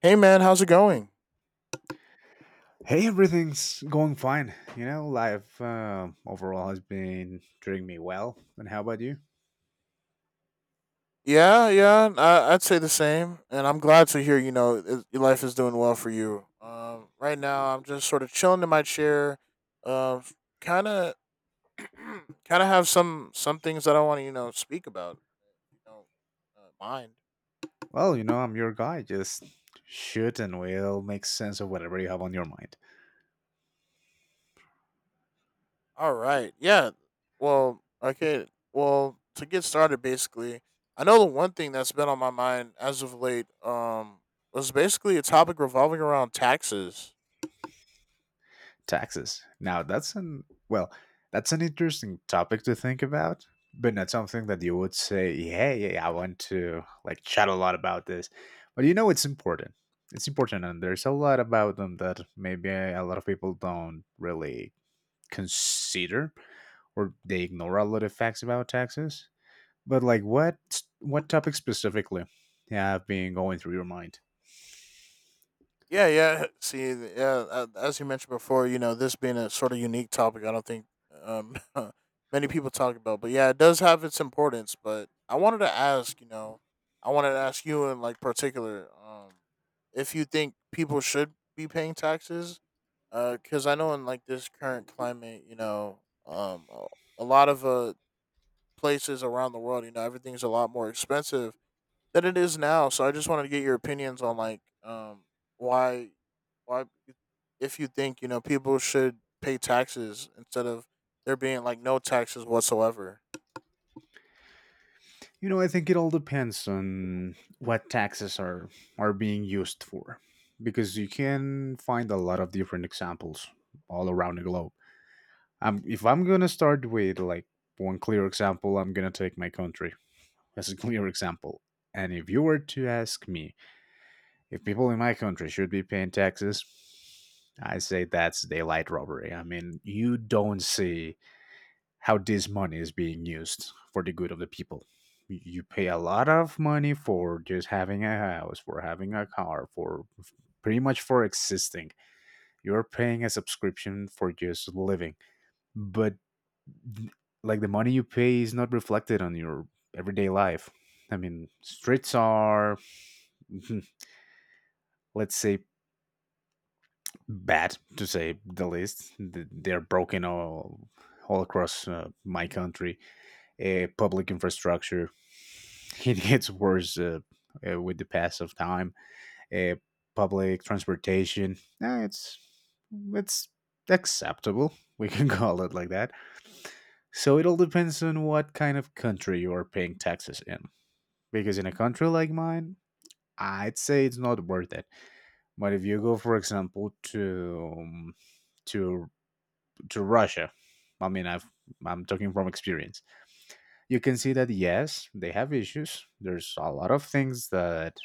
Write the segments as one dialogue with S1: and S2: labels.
S1: Hey man, how's it going?
S2: Hey, everything's going fine. Life overall has been treating me well. And how about you?
S1: Yeah, yeah, I'd say the same. And I'm glad to hear, your life is doing well for you. Right now, I'm just sort of chilling in my chair, um, kind of, kind of have some things that I want to, speak about, you know, mind.
S2: Well, you know, I'm your guy. Just shoot and we'll make sense of whatever you have on your mind.
S1: All right. Yeah. Well, okay. Well, to get started, basically, I know the one thing that's been on my mind as of late was basically a topic revolving around taxes.
S2: Taxes. Now, that's an interesting topic to think about, but not something that you would say, "Hey, I want to like chat a lot about this. But you know, it's important. It's important, and there's a lot about them that maybe a lot of people don't really consider, or they ignore a lot of facts about taxes. But like, what topic specifically have been going through your mind?
S1: Yeah, yeah. See, yeah, as you mentioned before, this being a sort of unique topic, I don't think um, many people talk about. But yeah, it does have its importance. But I wanted to ask, I wanted to ask you in like particular if you think people should be paying taxes because I know in like this current climate, um, a a lot of places around the world, everything's a lot more expensive than it is now. So I just wanted to get your opinions on like why why you- if you think people should pay taxes instead of there being like no taxes whatsoever.
S2: You know, I think it all depends on what taxes are being used for, because you can find a lot of different examples all around the globe. If I'm gonna start with like one clear example, I'm gonna take my country as a clear example. And if you were to ask me if people in my country should be paying taxes, I say that's daylight robbery. I mean, you don't see how this money is being used for the good of the people. You pay a lot of money for just having a house, for having a car, for pretty much for existing. You're paying a subscription for just living. But like the money you pay is not reflected on your everyday life. I mean, streets are, let's say, bad to say the least. They're broken all across my country. Public infrastructure it gets worse with the pass of time. Uh, Public transportation uh, it's it's acceptable. We can call it like that. So it all depends on what kind of country you are paying taxes in. Because in a country like mine, I'd say it's not worth it, but if you go, for example, to to to Russia, I mean, I'm talking from experience. You can see that yes, they have issues. There's a lot of things that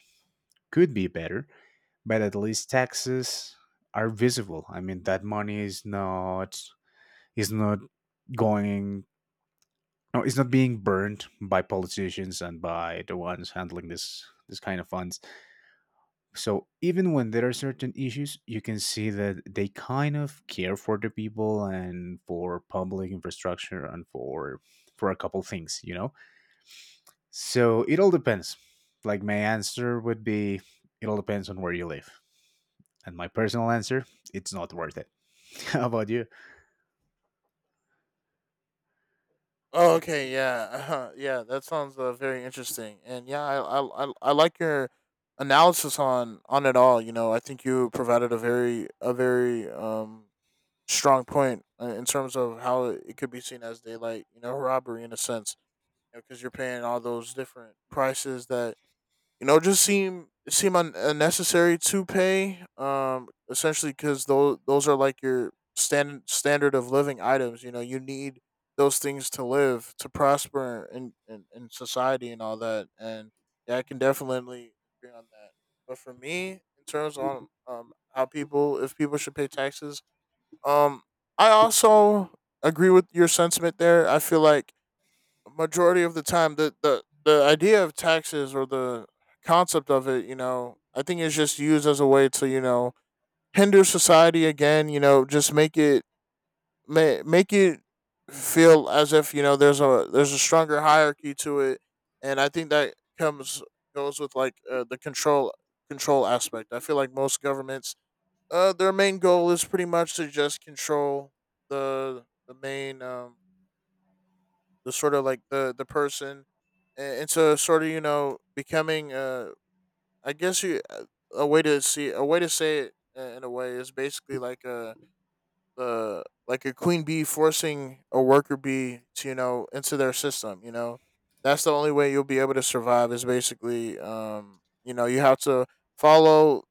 S2: could be better, but at least taxes are visible. I mean, that money is not going. No, it's not being burned by politicians and by the ones handling this kind of funds. So even when there are certain issues, you can see that they kind of care for the people and for public infrastructure and for a couple things, you know. So it all depends. Like my answer would be, it all depends on where you live. And my personal answer, it's not worth it. How about you?
S1: Oh, okay, yeah, uh-huh, yeah. That sounds very interesting, and yeah, I like your analysis on it all. You know, I think you provided a very strong point in terms of how it could be seen as daylight, robbery in a sense, because you are paying all those different prices that just seem unnecessary to pay. Essentially because those are like your standard of living items. You know, you need those things to live to prosper in in society and all that. And yeah, I can definitely agree on that. But for me, in terms on how people if people should pay taxes, um, I also agree with your sentiment there. I feel like majority of the time the idea of taxes or the concept of it I think is just used as a way to hinder society again, just make it feel as if there's a stronger hierarchy to it, and I think that comes goes with like the control aspect. I feel like most governments their main goal is pretty much to just control the main the sort of like the person into sort of becoming I guess you a way to say it in a way is basically like a queen bee forcing a worker bee to into their system. That's the only way you'll be able to survive is basically you have to follow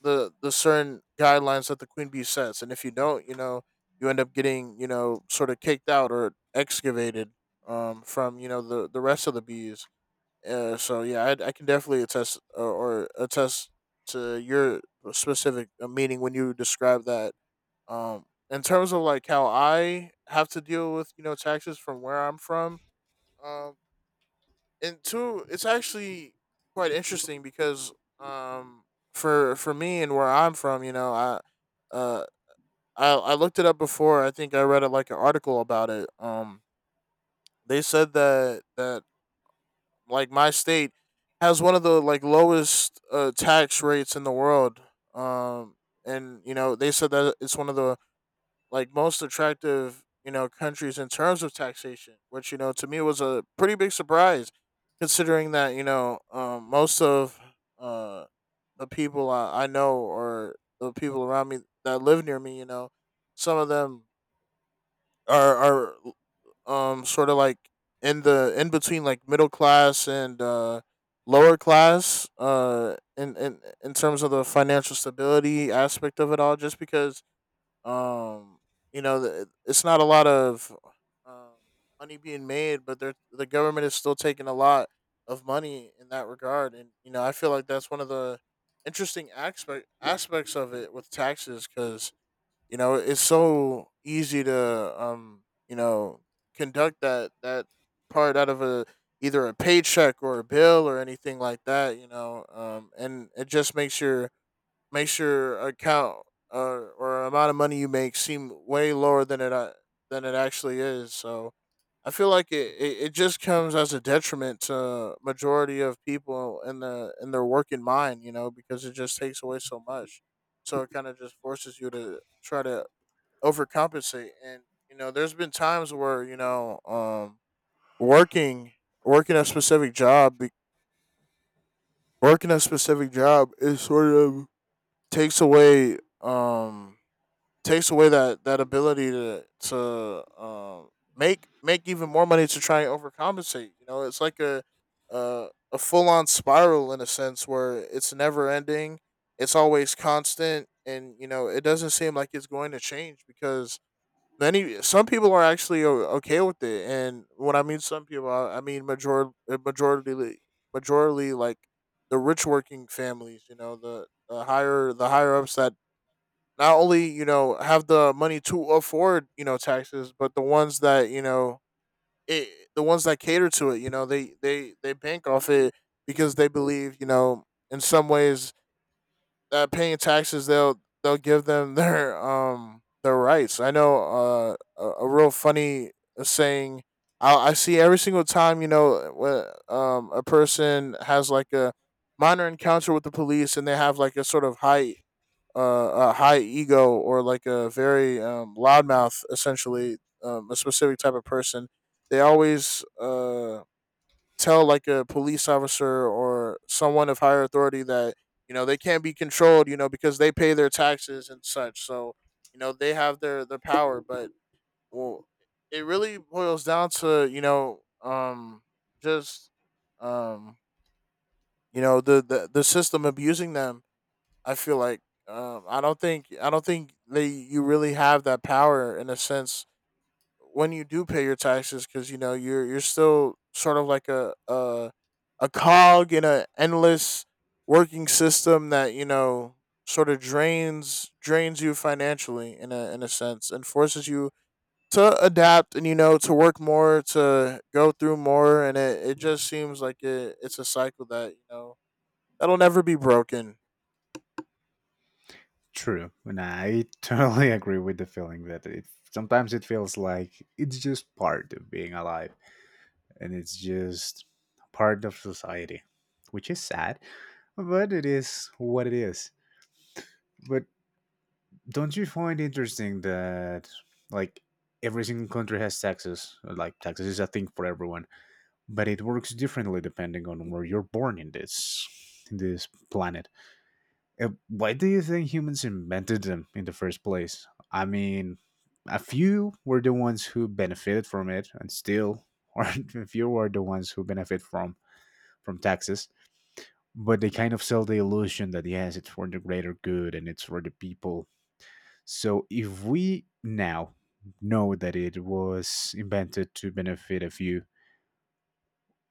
S1: the certain guidelines that the queen bee sets, and if you don't, you end up getting sort of kicked out or excavated from the rest of the bees. So yeah, I can definitely attest or attest to your specific meaning when you describe that. Um, in terms of like how I have to deal with taxes from where I'm from, um, and two, it's actually quite interesting because um for me and where I'm from, uh I looked it up before. I think I read it like an article about it. They said that like my state has one of the like lowest tax rates in the world. Um and you know, they said that it's one of the like most attractive countries in terms of taxation, which to me was a pretty big surprise, considering that most of uh, the people I know or the people around me that live near me, some of them are sort of like in the in between like middle class and lower class in terms of the financial stability aspect of it all, just because um, it's not a lot of uh, money being made, but the government is still taking a lot of money in that regard, and I feel like that's one of the interesting aspects of it with taxes, because it's so easy to conduct that part out of a either a paycheck or a bill or anything like that, and it just makes your account, uh, or amount of money you make, seem way lower than it actually is. So I feel like it just comes as a detriment to majority of people in the in their working mind, because it just takes away so much. So it kind of just forces you to try to overcompensate. And there's been times where working working a specific job, is sort of, takes away um takes away that ability to make even more money to try and overcompensate. You know, it's like a full on spiral in a sense where it's never ending. It's always constant, and it doesn't seem like it's going to change because many some people are actually okay with it. And when I mean some people, I mean majority majority like the rich working families. You know, the higher ups that not only have the money to afford taxes, but it, the ones that cater to it, they bank off it because they believe, in some ways that paying taxes, they'll give them their rights. I know a real funny saying I see every single time, a person has like a minor encounter with the police and they have like a sort of high ego, or like a very loudmouth, essentially, a specific type of person, they always tell like a police officer or someone of higher authority that they can't be controlled, because they pay their taxes and such. So they have their power, but well, it really boils down to, just, um, the system abusing them, I feel like. I don't think they you really have that power in a sense when you do pay your taxes because you're still sort of like a cog in a endless working system that sort of drains you financially in a sense, and forces you to adapt and, to work more, to go through more, and it just seems like it's a cycle that that'll never be broken.
S2: True, and I totally agree with the feeling that it sometimes it feels like it's just part of being alive, and it's just part of society, which is sad. But it is what it is. But don't you find interesting that like every single country has taxes? Like taxes is a thing for everyone, but it works differently depending on where you're born in this planet. Why do you think humans invented them in the first place? I mean, a few were the ones who benefited from it, and still, or a few were the ones who benefit from taxes, but they kind of sell the illusion that yes, it's for the greater good and it's for the people. So if we now know that it was invented to benefit a few,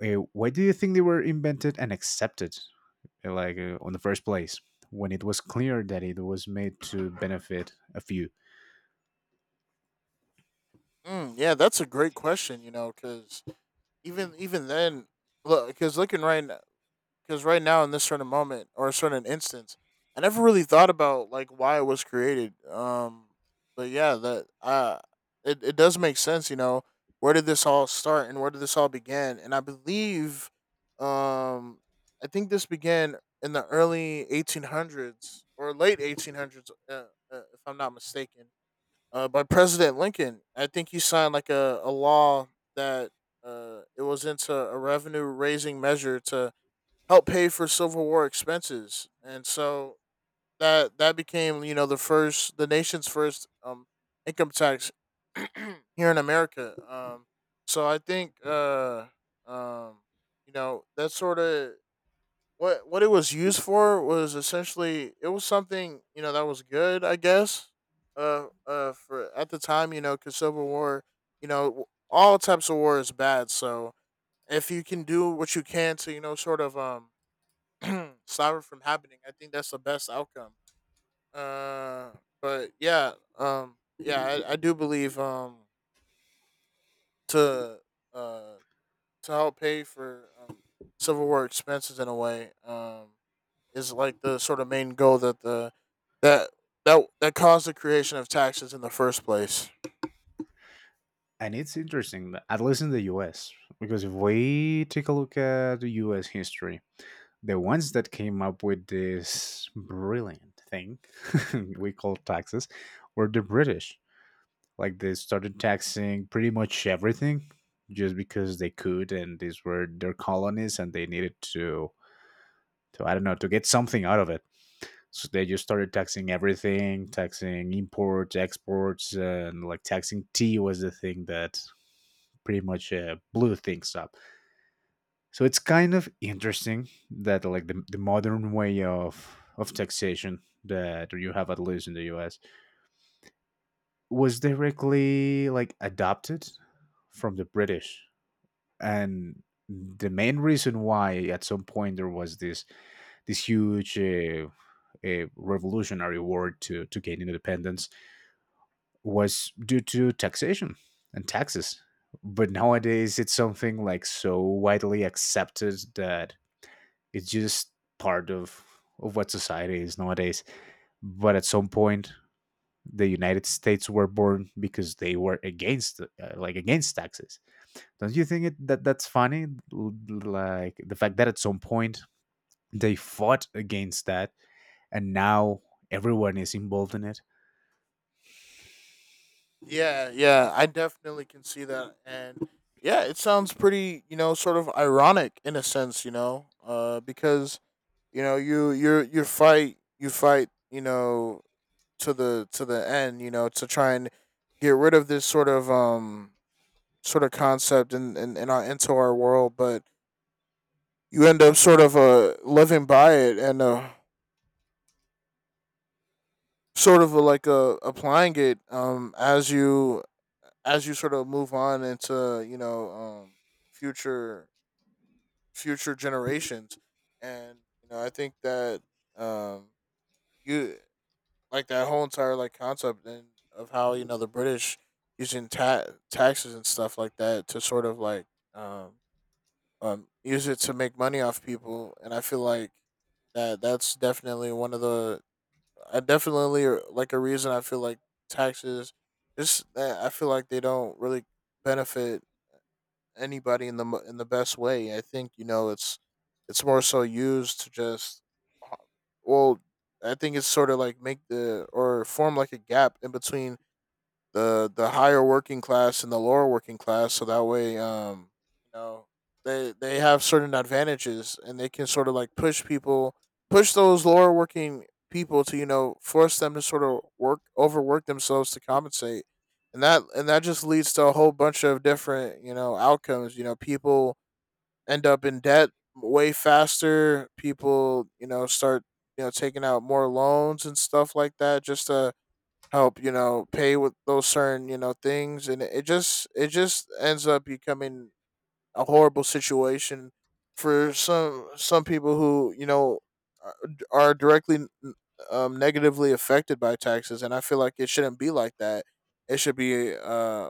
S2: why do you think they were invented and accepted, on the first place, when it was clear that it was made to benefit a few?
S1: Mm, yeah, that's a great question. You know, because even then, look, because right now in this certain moment or a certain instance, I never really thought about like why it was created. But yeah, that it does make sense. You know, where did this all start and where did this all begin? And I believe, um, I think this began in the early 1800s or late 1800s, if I'm not mistaken, by President Lincoln. I think he signed like a law that, it was into a revenue raising measure to help pay for Civil War expenses, and so that became, the nation's first income tax here in America. So I think, um, that sort of what it was used for was essentially it was something, that was good, I guess, for at the time, because Civil War, all types of war is bad, so if you can do what you can to, sort of, stop it from happening, I think that's the best outcome. uh but yeah, yeah, I do believe, to uh to help pay for Civil War expenses, in a way, is like the sort of main goal that that caused the creation of taxes in the first place.
S2: And it's interesting that- at least in the US, because if we take a look at the US history, the ones that came up with this brilliant thing we call taxes were the British. Like they started taxing pretty much everything just because they could, and these were their colonies, and they needed to I don't know, to get something out of it. So they just started taxing everything, taxing imports, exports, and like taxing tea was the thing that pretty much blew things up. So it's kind of interesting that like the modern way of taxation that you have at least in the US was directly like adopted from the British. And the main reason why at some point there was this huge a revolutionary war to gain independence was due to taxation and taxes. But nowadays it's something like so widely accepted that it's just part of what society is nowadays. But at some point, the United States were born because they were against like against taxes. Don't you think that that's funny? L- Like the fact that at some point they fought against that, and now everyone is involved in it.
S1: Yeah, yeah, I definitely can see that, and yeah, it sounds pretty, sort of ironic in a sense, because you know you you you fight you fight, you know, to the end, to try and get rid of this sort of concept in our into our world, but you end up sort of living by it and sort of like a applying it as you sort of move on into future future generations. And I think that um you like that whole entire like concept and of how the British using taxes and stuff like that to sort of like um use it to make money off people. And I feel like that's definitely one of the— I definitely like a reason I feel like taxes just I feel like they don't really benefit anybody in the in the best way. I think it's more so used to just uh, well I think it's sort of like make the or form like a gap in between the higher working class and the lower working class so that way you know they have certain advantages and they can sort of like push people, push those lower working people to force them to sort of work, overwork themselves to compensate. And that just leads to a whole bunch of different outcomes. People end up in debt way faster. People start taking out more loans and stuff like that just to help pay with those certain things. And it just ends up becoming a horrible situation for some people who are are directly negatively affected by taxes. And I feel like it shouldn't be like that. It should be uh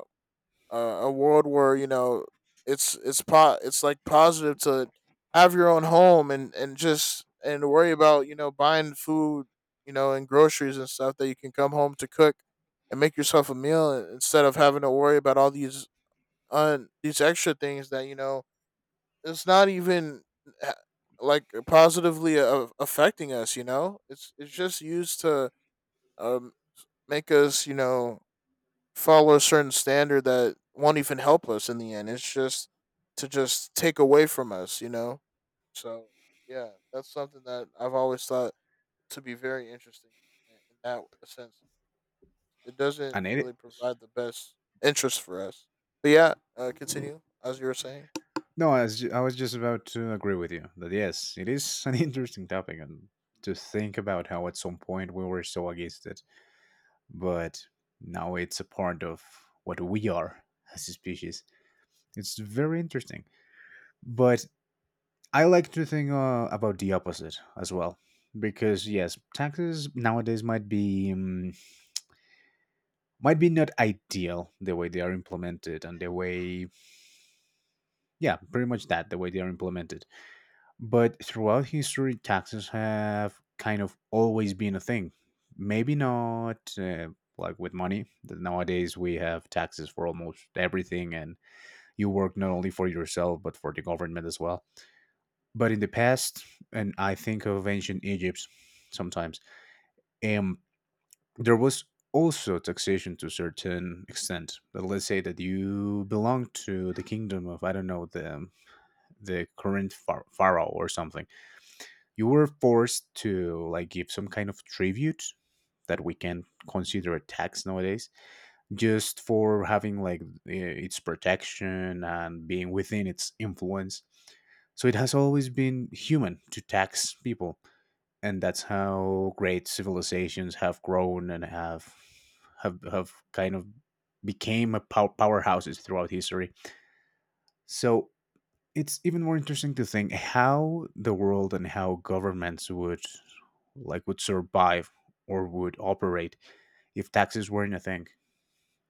S1: uh, a world where it's it's like positive to have your own home and just and worry about buying food, and groceries and stuff that you can come home to cook and make yourself a meal, instead of having to worry about all these un these extra things that it's not even uh, like positively affecting us. It's just used to um make us follow a certain standard that won't even help us in the end. It's just to just take away from us, you know. So yeah, that's something that I've always thought to be very interesting in that sense. It doesn't
S2: And it
S1: really provide the best interest for us. But yeah, continue as you were saying.
S2: no, I was just about to agree with you that yes, it is an interesting topic, and to think about how at some point we were so against it, but now it's a part of what we are as a species. It's very interesting. But I like to think about the opposite as well. Because yes, taxes nowadays might be not ideal the way they are implemented and the way yeah, pretty much that the way they are implemented. But throughout history, taxes have kind of always been a thing. Maybe not like with money. Nowadays, we have taxes for almost everything, and you work not only for yourself but for the government as well. But in the past, and I think of ancient Egypt sometimes, um there was also taxation to a certain extent. But let's say that you belong to the kingdom of I don't know, the current pharaoh or something, you were forced to like give some kind of tribute that we can consider a tax nowadays, just for having like its protection and being within its influence. So it has always been human to tax people, and that's how great civilizations have grown and have kind of became a powerhouses throughout history. So it's even more interesting to think how the world and how governments would like would survive or would operate if taxes weren't a thing.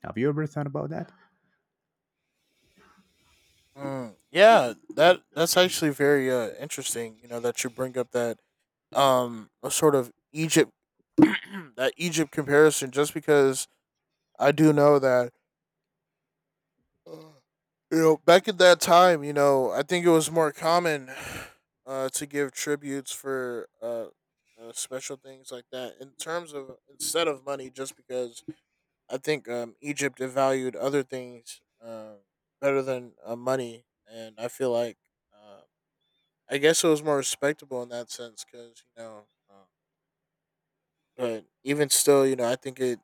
S2: Have you ever thought about that?
S1: Mm, yeah, that's actually very interesting. You know that you bring up that a sort of Egypt that Egypt comparison, just because I do know that you back at that time, I think it was more common to give tributes for special things like that in terms of instead of money, just because I think Egypt valued other things better than money, and I feel like uh, I guess it was more respectable in that sense because uh, but even still, you know,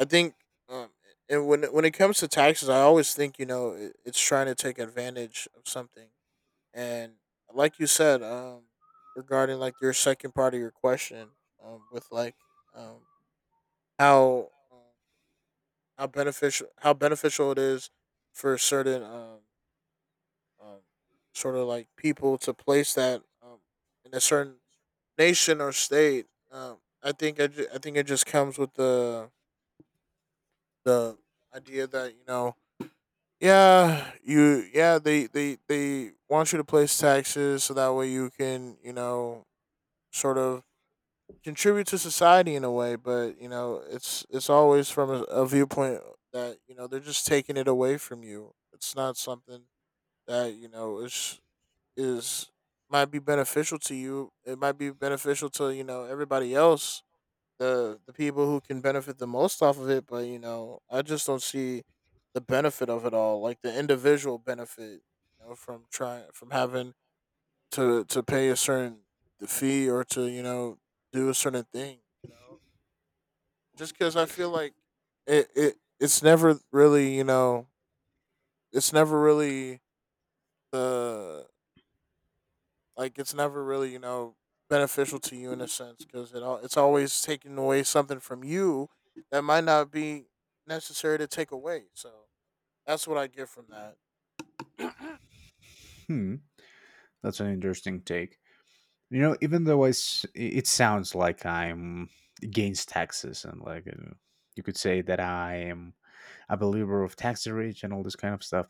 S1: I think, um, and when it comes to taxes, I always think it, it's trying to take advantage of something. And like you said, regarding like your second part of your question, with like um how how beneficial it is for certain um sort of like people to place that in a certain nation or state. I think I think it just comes with the idea that you know— Yeah, you, yeah, they want you to place taxes so that way you can, you know, sort of contribute to society in a way. But you know, it's always from a viewpoint that, you know, they're just taking it away from you. It's not something that, you know, is might be beneficial to you. It might be beneficial to, you know, everybody else, the people who can benefit the most off of it. But you know, I just don't see the benefit of it all, like the individual benefit, you know, from trying from having to pay a certain fee or to you know do a certain thing, you know, just because I feel like it's never really you know it's never really the like it's never really you know beneficial to you in a sense, because it's always taking away something from you that might not be necessary to take away. So that's what I get from that.
S2: Hmm. That's an interesting take. You know, even though it sounds like I'm against taxes and like you could say that I am a believer of tax rich and all this kind of stuff.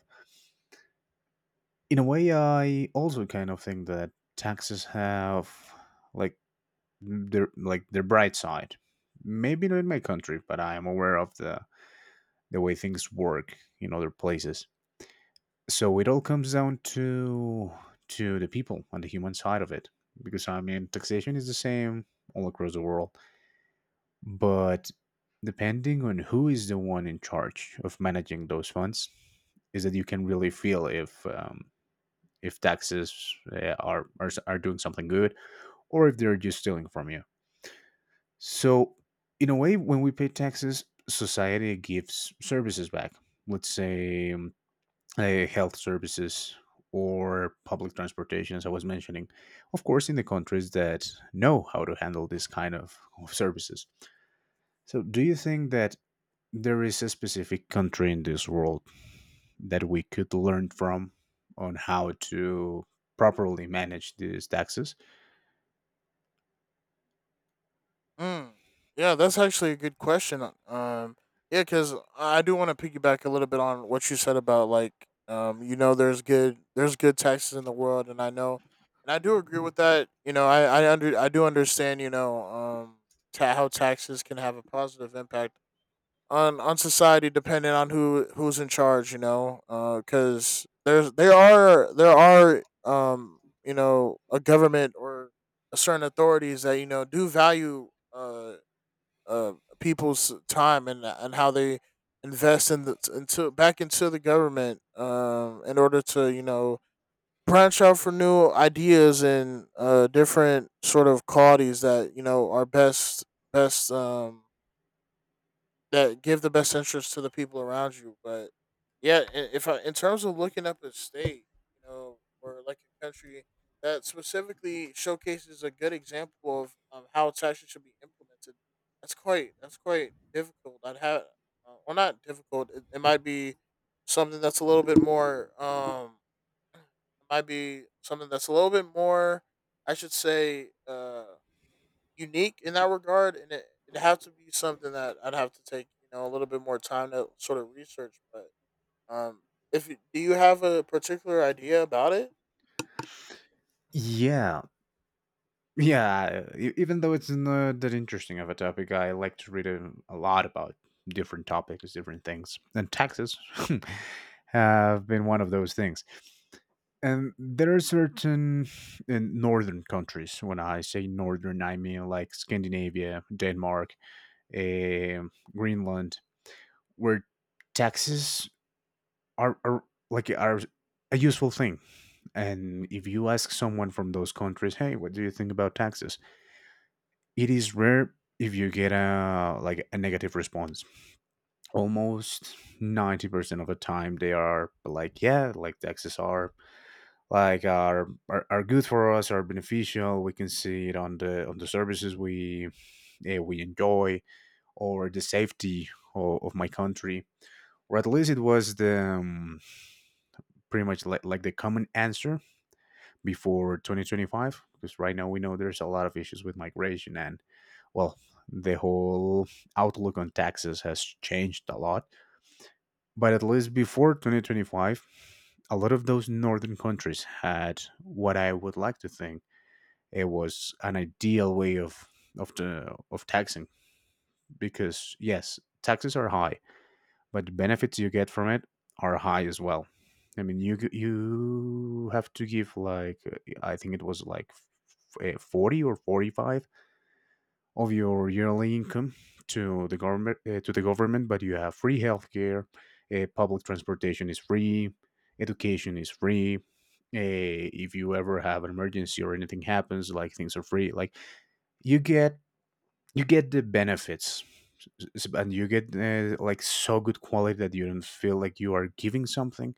S2: In a way, I also kind of think that taxes have like their bright side. Maybe not in my country, but I am aware of the way things work in other places. So it all comes down to the people on the human side of it, because I mean taxation is the same all across the world, but depending on who is the one in charge of managing those funds is that you can really feel if taxes are doing something good, or if they're just stealing from you. So in a way, when we pay taxes, society gives services back. Let's say health services, or public transportation, as I was mentioning, of course, in the countries that know how to handle this kind of services. So, do you think that there is a specific country in this world that we could learn from on how to properly manage these taxes?
S1: Mm. Yeah, that's actually a good question. Yeah, because I do want to piggyback a little bit on what you said about like, you know, there's good taxes in the world, and I know, and I do agree with that. You know, I do understand. How taxes can have a positive impact on society depending on who who's in charge, you know, because there's there are you know a government or a certain authorities that you know do value uh people's time and how they invest in the into back into the government in order to you know branch out for new ideas and different sort of qualities that you know are best best that give the best interest to the people around you. But yeah, if I, in terms of looking up a state, you know, or like a country that specifically showcases a good example of how taxes should be implemented, that's quite difficult. I'd have, not difficult. It might be something that's a little bit more. It might be something that's a little bit more, I should say. Unique in that regard, and it it'd have to be something that I'd have to take you know a little bit more time to sort of research. But um, if you, do you have a particular idea about it?
S2: Yeah, yeah, even though it's not that interesting of a topic, I like to read a lot about different topics, different things, and taxes have been one of those things. And there are certain in northern countries. When I say northern, I mean like Scandinavia, Denmark, Greenland, where taxes are, are are a useful thing. And if you ask someone from those countries, "Hey, what do you think about taxes?" It is rare if you get a like a negative response. Almost 90% of the time, they are like, "Yeah, like the taxes are good for us, are beneficial. We can see it on the services we we enjoy, or the safety of my country." Or at least it was the pretty much like the common answer before 2025, because right now we know there's a lot of issues with migration and well, the whole outlook on taxes has changed a lot. But at least before 2025, a lot of those northern countries had what I would like to think it was an ideal way of the of taxing, because yes, taxes are high, but the benefits you get from it are high as well. I mean, you have to give like I think it was like 40 or 45 of your yearly income to the government, but you have free healthcare, public transportation is free, education is free. If you ever have an emergency or anything happens, like things are free. Like you get you get the benefits, s- and you get like so good quality that you don't feel like you are giving something,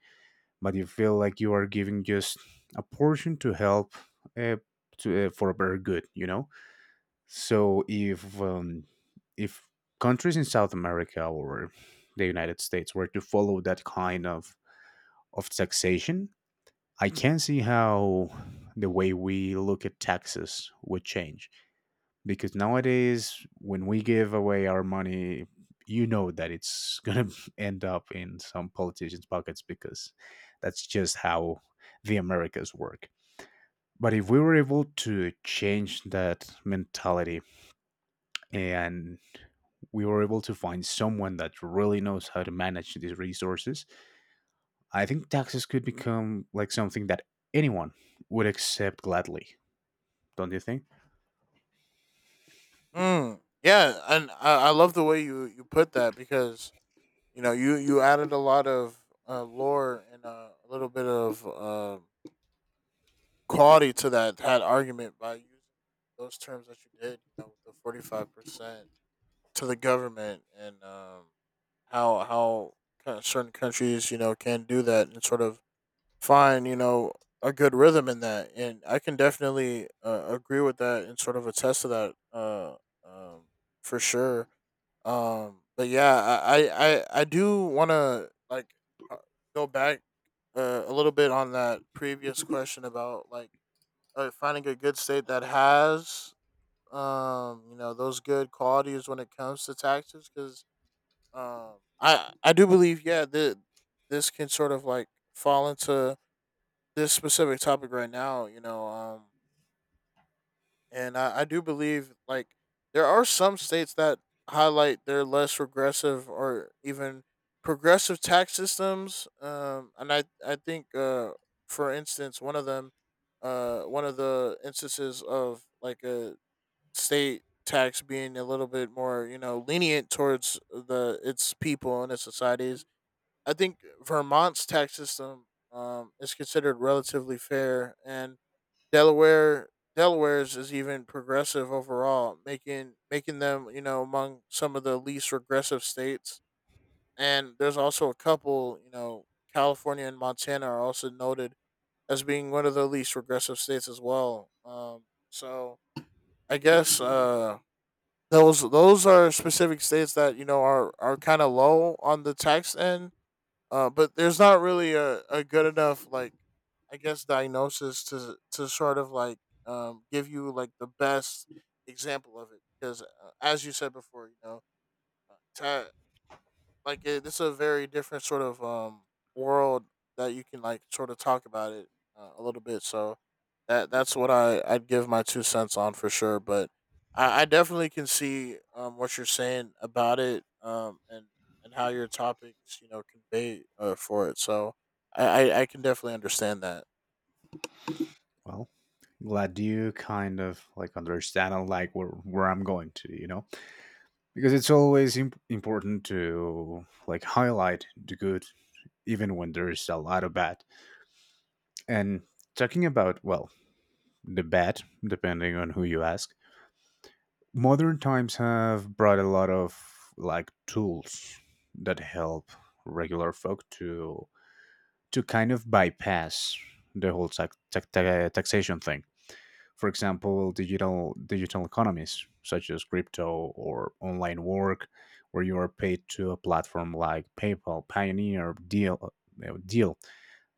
S2: but you feel like you are giving just a portion to help uh, to for a better good. You know, so if countries in South America or the United States were to follow that kind of taxation, I can see how the way we look at taxes would change because nowadays when we give away our money, you know that it's going to end up in some politicians pockets because that's just how the americas work. But if we were able to change that mentality, and we were able to find someone that really knows how to manage these resources. I think taxes could become like something that anyone would accept gladly, don't you think?
S1: Mm, yeah, and I love the way you you put that, because you know you you added a lot of lore and a little bit of quality to that argument by using those terms that you did. You know, with the 45% to the government and how kind of certain countries you know can do that and sort of find you know a good rhythm in that. And I can definitely agree with that and sort of attest to that, um, for sure. But yeah, I do want to like uh, go back a little bit on that previous question about like finding a good state that has you know those good qualities when it comes to taxes, because I do believe, yeah, that this can sort of like fall into this specific topic right now, you know. And I do believe like there are some states that highlight their less regressive or even progressive tax systems. And I think for instance one of them, one of the instances of like a state tax being a little bit more you know lenient towards the its people and its societies, I think Vermont's tax system is considered relatively fair, and Delaware Delaware's is even progressive overall, making them you know among some of the least regressive states. And there's also a couple, you know, California and Montana are also noted as being one of the least regressive states as well. So I guess those are specific states that you know are kind of low on the tax end, but there's not really a good enough like I guess diagnosis to sort of like give you like the best example of it, because as you said before, you know, ta like it, it's a very different sort of world that you can like sort of talk about it a little bit. So that that's what I I'd give my two cents on for sure. But I definitely can see what you're saying about it and how your topics you know convey for it. So I, I can definitely understand that.
S2: Well, glad you kind of like understand like where I'm going to, you know? Because it's always important to like highlight the good even when there is a lot of bad. And talking about, well, the bad, depending on who you ask, modern times have brought a lot of like tools that help regular folk to kind of bypass the whole taxation thing, for example, digital economies such as crypto or online work, where you are paid to a platform like PayPal, Pioneer, Deal, uh, Deal,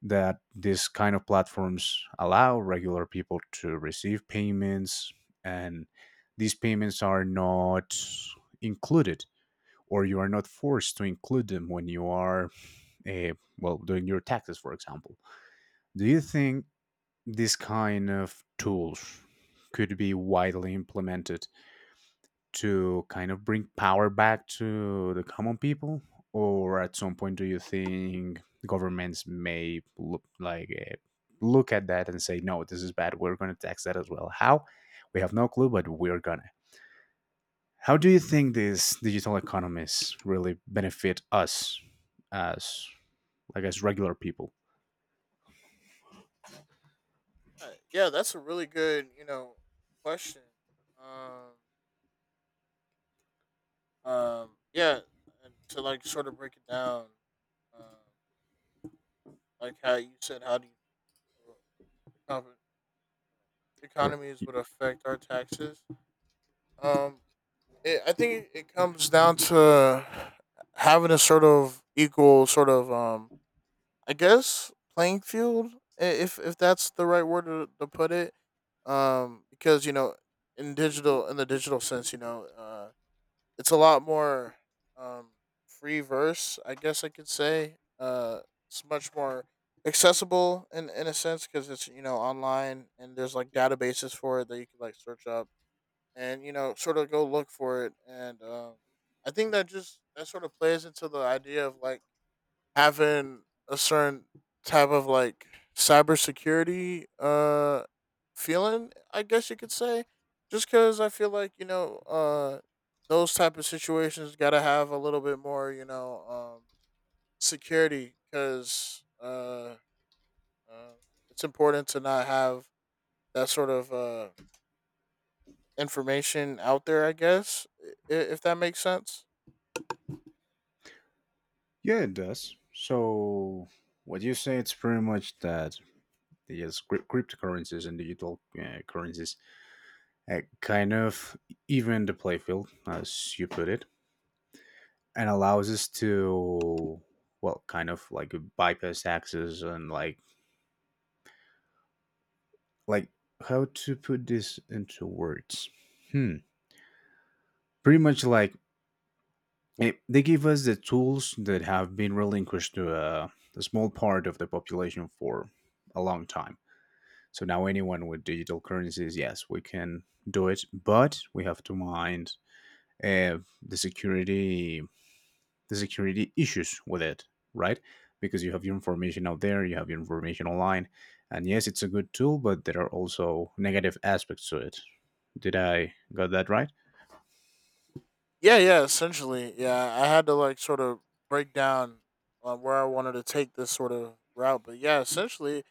S2: that these kind of platforms allow regular people to receive payments, and these payments are not included, or you are not forced to include them when you are, uh, well, doing your taxes, for example. Do you think this kind of tools could be widely implemented to kind of bring power back to the common people, or at some point do you think governments may look like look at that and say, no, this is bad, we're going to tax that as well. How we have no clue, but we're gonna, how do you think these digital economies really benefit us as like as regular people?
S1: Yeah, that's a really good you know question. Um yeah, and to like sort of break it down. Um, like how you said, how do you think the
S2: Or
S1: economies would affect our taxes? Um, it, I think it comes down to having a sort of equal, sort of, I guess, playing field, if that's the right word to put it. Because you know, in the digital sense, you know, it's a lot more um, free verse, I guess I could say. It's much more accessible in a sense because it's you know online and there's like databases for it that you can like search up and you know sort of go look for it and I think that just that sort of plays into the idea of like having a certain type of like cybersecurity feeling, I guess you could say, just because I feel like you know those type of situations got to have a little bit more you know um security because uh it's important to not have that sort of information out there. I guess if that makes sense.
S2: yeah, it does. So, what you say, it's pretty much that yes, cryptocurrencies and digital currencies kind of even the playfield, as you put it, and allows us to, well, kind of like bypass taxes and like how to put this into words. Hmm. Pretty much like it, they give us the tools that have been relinquished to a small part of the population for a long time. So now anyone with digital currencies, yes, we can do it, but we have to mind the security, the security issues with it, right? Because you have your information out there, you have your information online, and yes, it's a good tool, but there are also negative aspects to it. Did I got that right?
S1: Yeah, yeah, essentially. Yeah, I had to like sort of break down where I wanted to take this sort of route, but yeah, essentially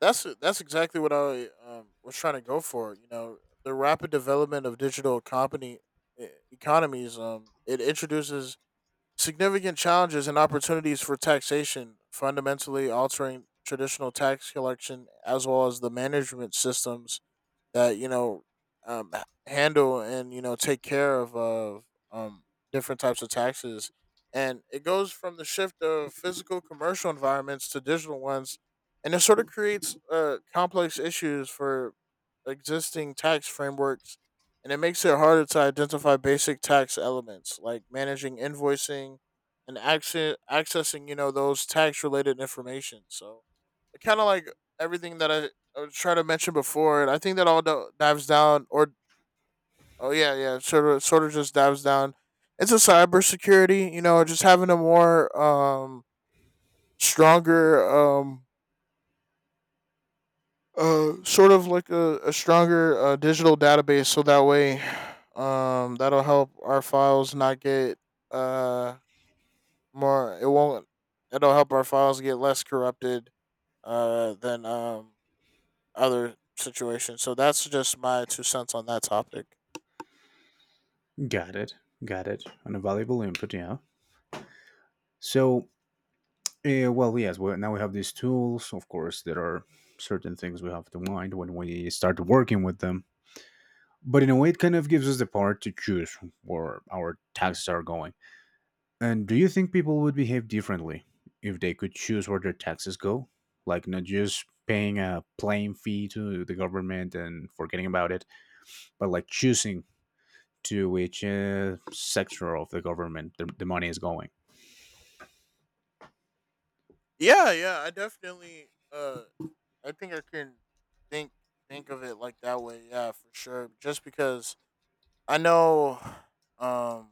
S1: that's exactly what I was trying to go for, you know, the rapid development of digital e- economies it introduces significant challenges and opportunities for taxation, fundamentally altering traditional tax collection as well as the management systems that you know handle and you know take care of um, different types of taxes, and it goes from the shift of physical commercial environments to digital ones, and it sort of creates complex issues for existing tax frameworks, and it makes it harder to identify basic tax elements like managing invoicing and accessing you know those tax related information. So it kind of like everything that I was trying to mention before, and I think that all dives down, or oh yeah, yeah, sort of just dives down into cybersecurity. You know, just having a more stronger sort of like a stronger digital database, so that way that'll help our files not get uh more. It won't. It'll help our files get less corrupted than other situations. So that's just my two cents on that topic.
S2: Got it, got it. And a valuable input, yeah. So well, yes. Well, now we have these tools. Of course, there are certain things we have to mind when we start working with them. But in a way, it kind of gives us the power to choose where our taxes are going. And do you think people would behave differently if they could choose where their taxes go? Like, not just paying a plain fee to the government and forgetting about it, but like choosing to which sector of the government the money is going.
S1: Yeah, yeah, I definitely I think I can think think of it like that way, yeah, for sure. Just because I know um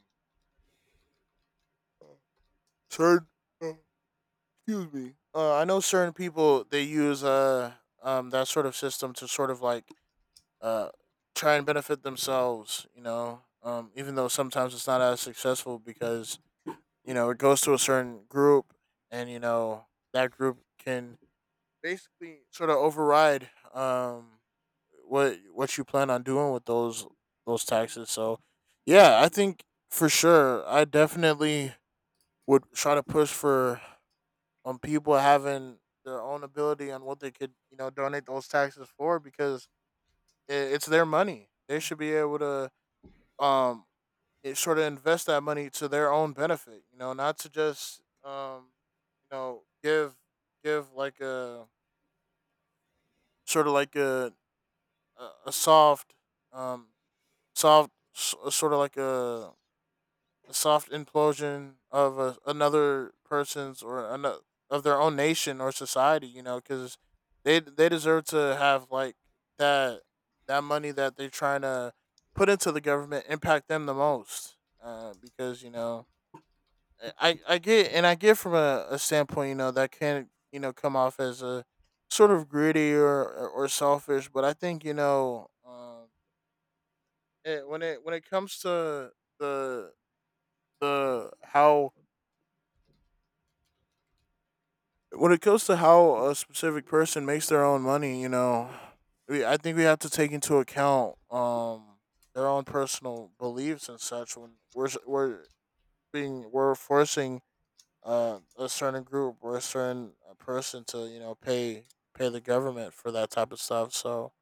S1: certain uh, excuse me. I know certain people they use that sort of system to sort of like uh try and benefit themselves, you know. Even though sometimes it's not as successful because, you know, it goes to a certain group, and you know that group can basically sort of override what you plan on doing with those taxes. So yeah, I think for sure I definitely would try to push for people having their own ability on what they could, you know, donate those taxes for, because I it's their money. They should be able to um it sort of invest that money to their own benefit, you know, not to just you know give like a sort of like a soft, um, sort of like a soft implosion of a, another person's or another of their own nation or society. You know, because they deserve to have like that that money that they're trying to put into the government impact them the most. Because you know, I get from a standpoint, you know, that can you know come off as a sort of greedy or selfish, but I think you know. It, when it comes to the the how when it comes to how a specific person makes their own money, you know, I think we have to take into account their own personal beliefs and such when we're s- we're being we're forcing a certain group or a certain person to you know pay the government for that type of stuff. So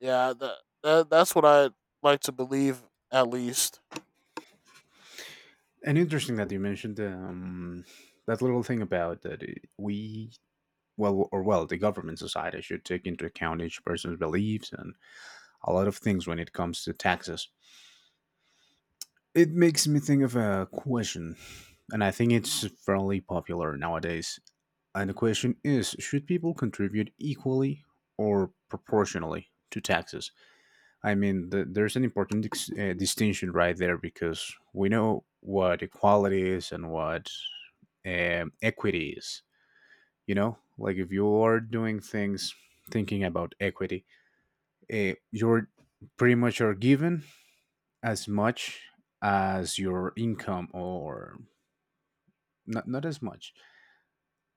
S1: yeah, that's what I like to believe at least.
S2: And interesting that you mentioned that little thing about that we, well, or well, the government society should take into account each person's beliefs and a lot of things when it comes to taxes. It makes me think of a question, and I think it's fairly popular nowadays. And the question is, should people contribute equally or proportionally to taxes? I mean, there's an important distinction right there because we know what equality is and what equity is. You know, like if you are doing things thinking about equity, you're pretty much are given as much as your income or not, not as much.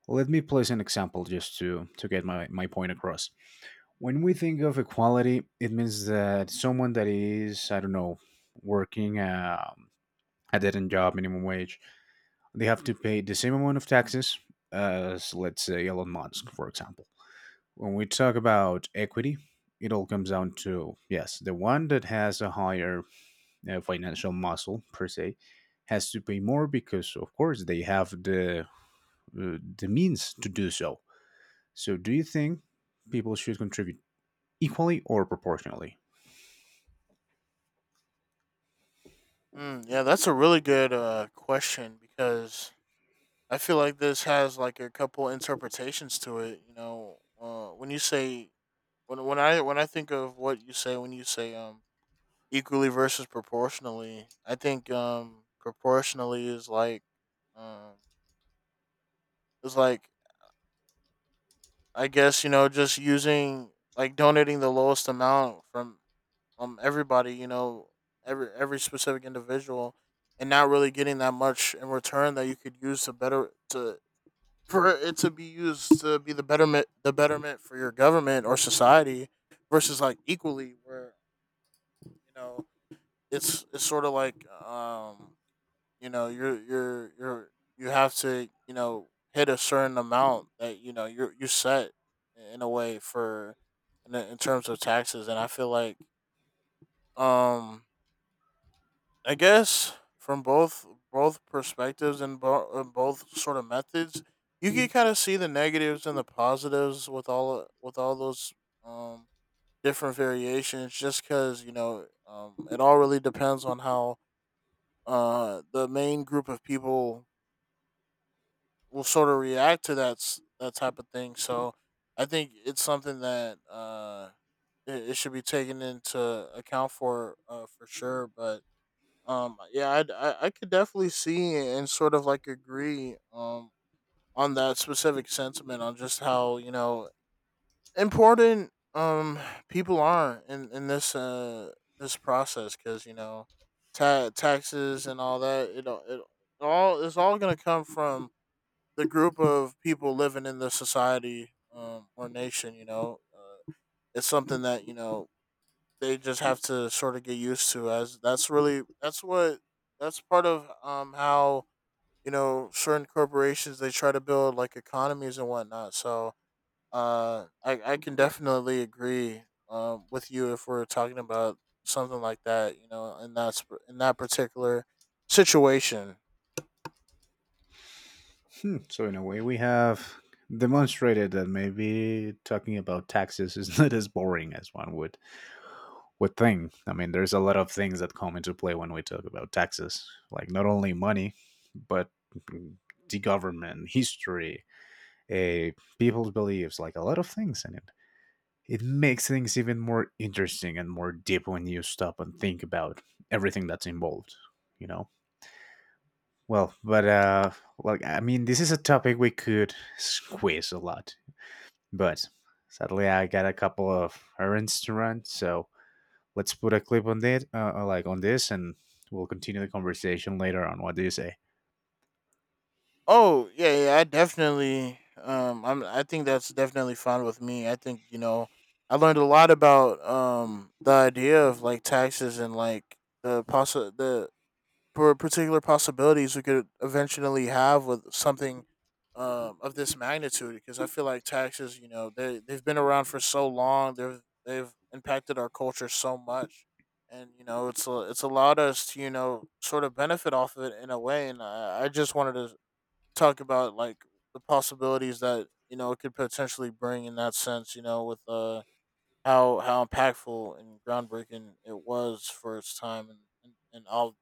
S2: Let me place an example just to get my, my point across. When we think of equality, it means that someone that is, I don't know, working a dead-end job, minimum wage, they have to pay the same amount of taxes as, let's say, Elon Musk, for example. When we talk about equity, it all comes down to yes, the one that has a higher financial muscle per se has to pay more because of course they have the means to do so. So do you think people should contribute equally or proportionally?
S1: Mm, yeah, that's a really good question, because I feel like this has like a couple interpretations to it. You know, when I think of what you say when you say equally versus proportionally, I think proportionally is like um is like I guess you know just using like donating the lowest amount from everybody you know every specific individual, and not really getting that much in return that you could use to better to for it to be used to be the betterment for your government or society, versus like equally where you know it's sort of like you know you're you have to you know hit a certain amount that you know you're you set in a way for in terms of taxes. And I feel like um I guess from both both perspectives and both sort of methods, you can kind of see the negatives and the positives with all those um, different variations. Just because you know, it all really depends on how the main group of people will sort of react to that type of thing. So I think it's something that it should be taken into account for sure, but yeah, I could definitely see and sort of like agree on that specific sentiment on just how you know important people are in this process, because you know taxes and all that it all it's all gonna come from the group of people living in the society or nation, you know, it's something that you know they just have to sort of get used to, as that's really that's part of how you know certain corporations they try to build like economies and whatnot. So I can definitely agree with you if we're talking about something like that, you know, in that particular situation.
S2: Hmm. So in a way we have demonstrated that maybe talking about taxes is not as boring as one would think. I mean, there's a lot of things that come into play when we talk about taxes, like not only money, but the government history, uh, people's beliefs, like a lot of things. And it makes things even more interesting and more deep when you stop and think about everything that's involved, you know. Well, but I mean, this is a topic we could squeeze a lot, but sadly I got a couple of errands to run, so let's put a clip on that, like on this, and we'll continue the conversation later. On what do you say?
S1: Oh yeah, yeah, I definitely. I think that's definitely fine with me. I think you know, I learned a lot about the idea of like taxes, and like the possi- the for particular possibilities we could eventually have with something of this magnitude. Because I feel like taxes, you know, they've been around for so long. They've impacted our culture so much. And you know, it's it's allowed us to you know sort of benefit off of it in a way, and I just wanted to talk about like the possibilities that you know it could potentially bring in that sense. You know, with how impactful and groundbreaking it was for its time, and all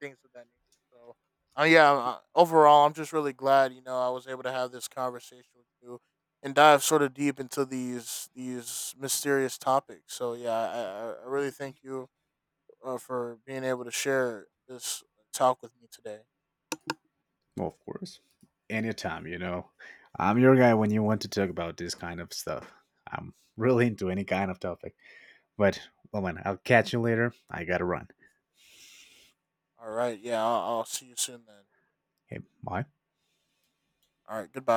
S1: things of that nature. So, yeah, overall, I'm just really glad you know I was able to have this conversation with you and dive sort of deep into these mysterious topics. So yeah, I really thank you for being able to share this talk with me today.
S2: Well, of course, anytime, you know, I'm your guy when you want to talk about this kind of stuff. I'm really into any kind of topic. But, well, man, I'll catch you later. I gotta run.
S1: All right, yeah, I'll see you soon then.
S2: Hey, bye.
S1: All right. Goodbye.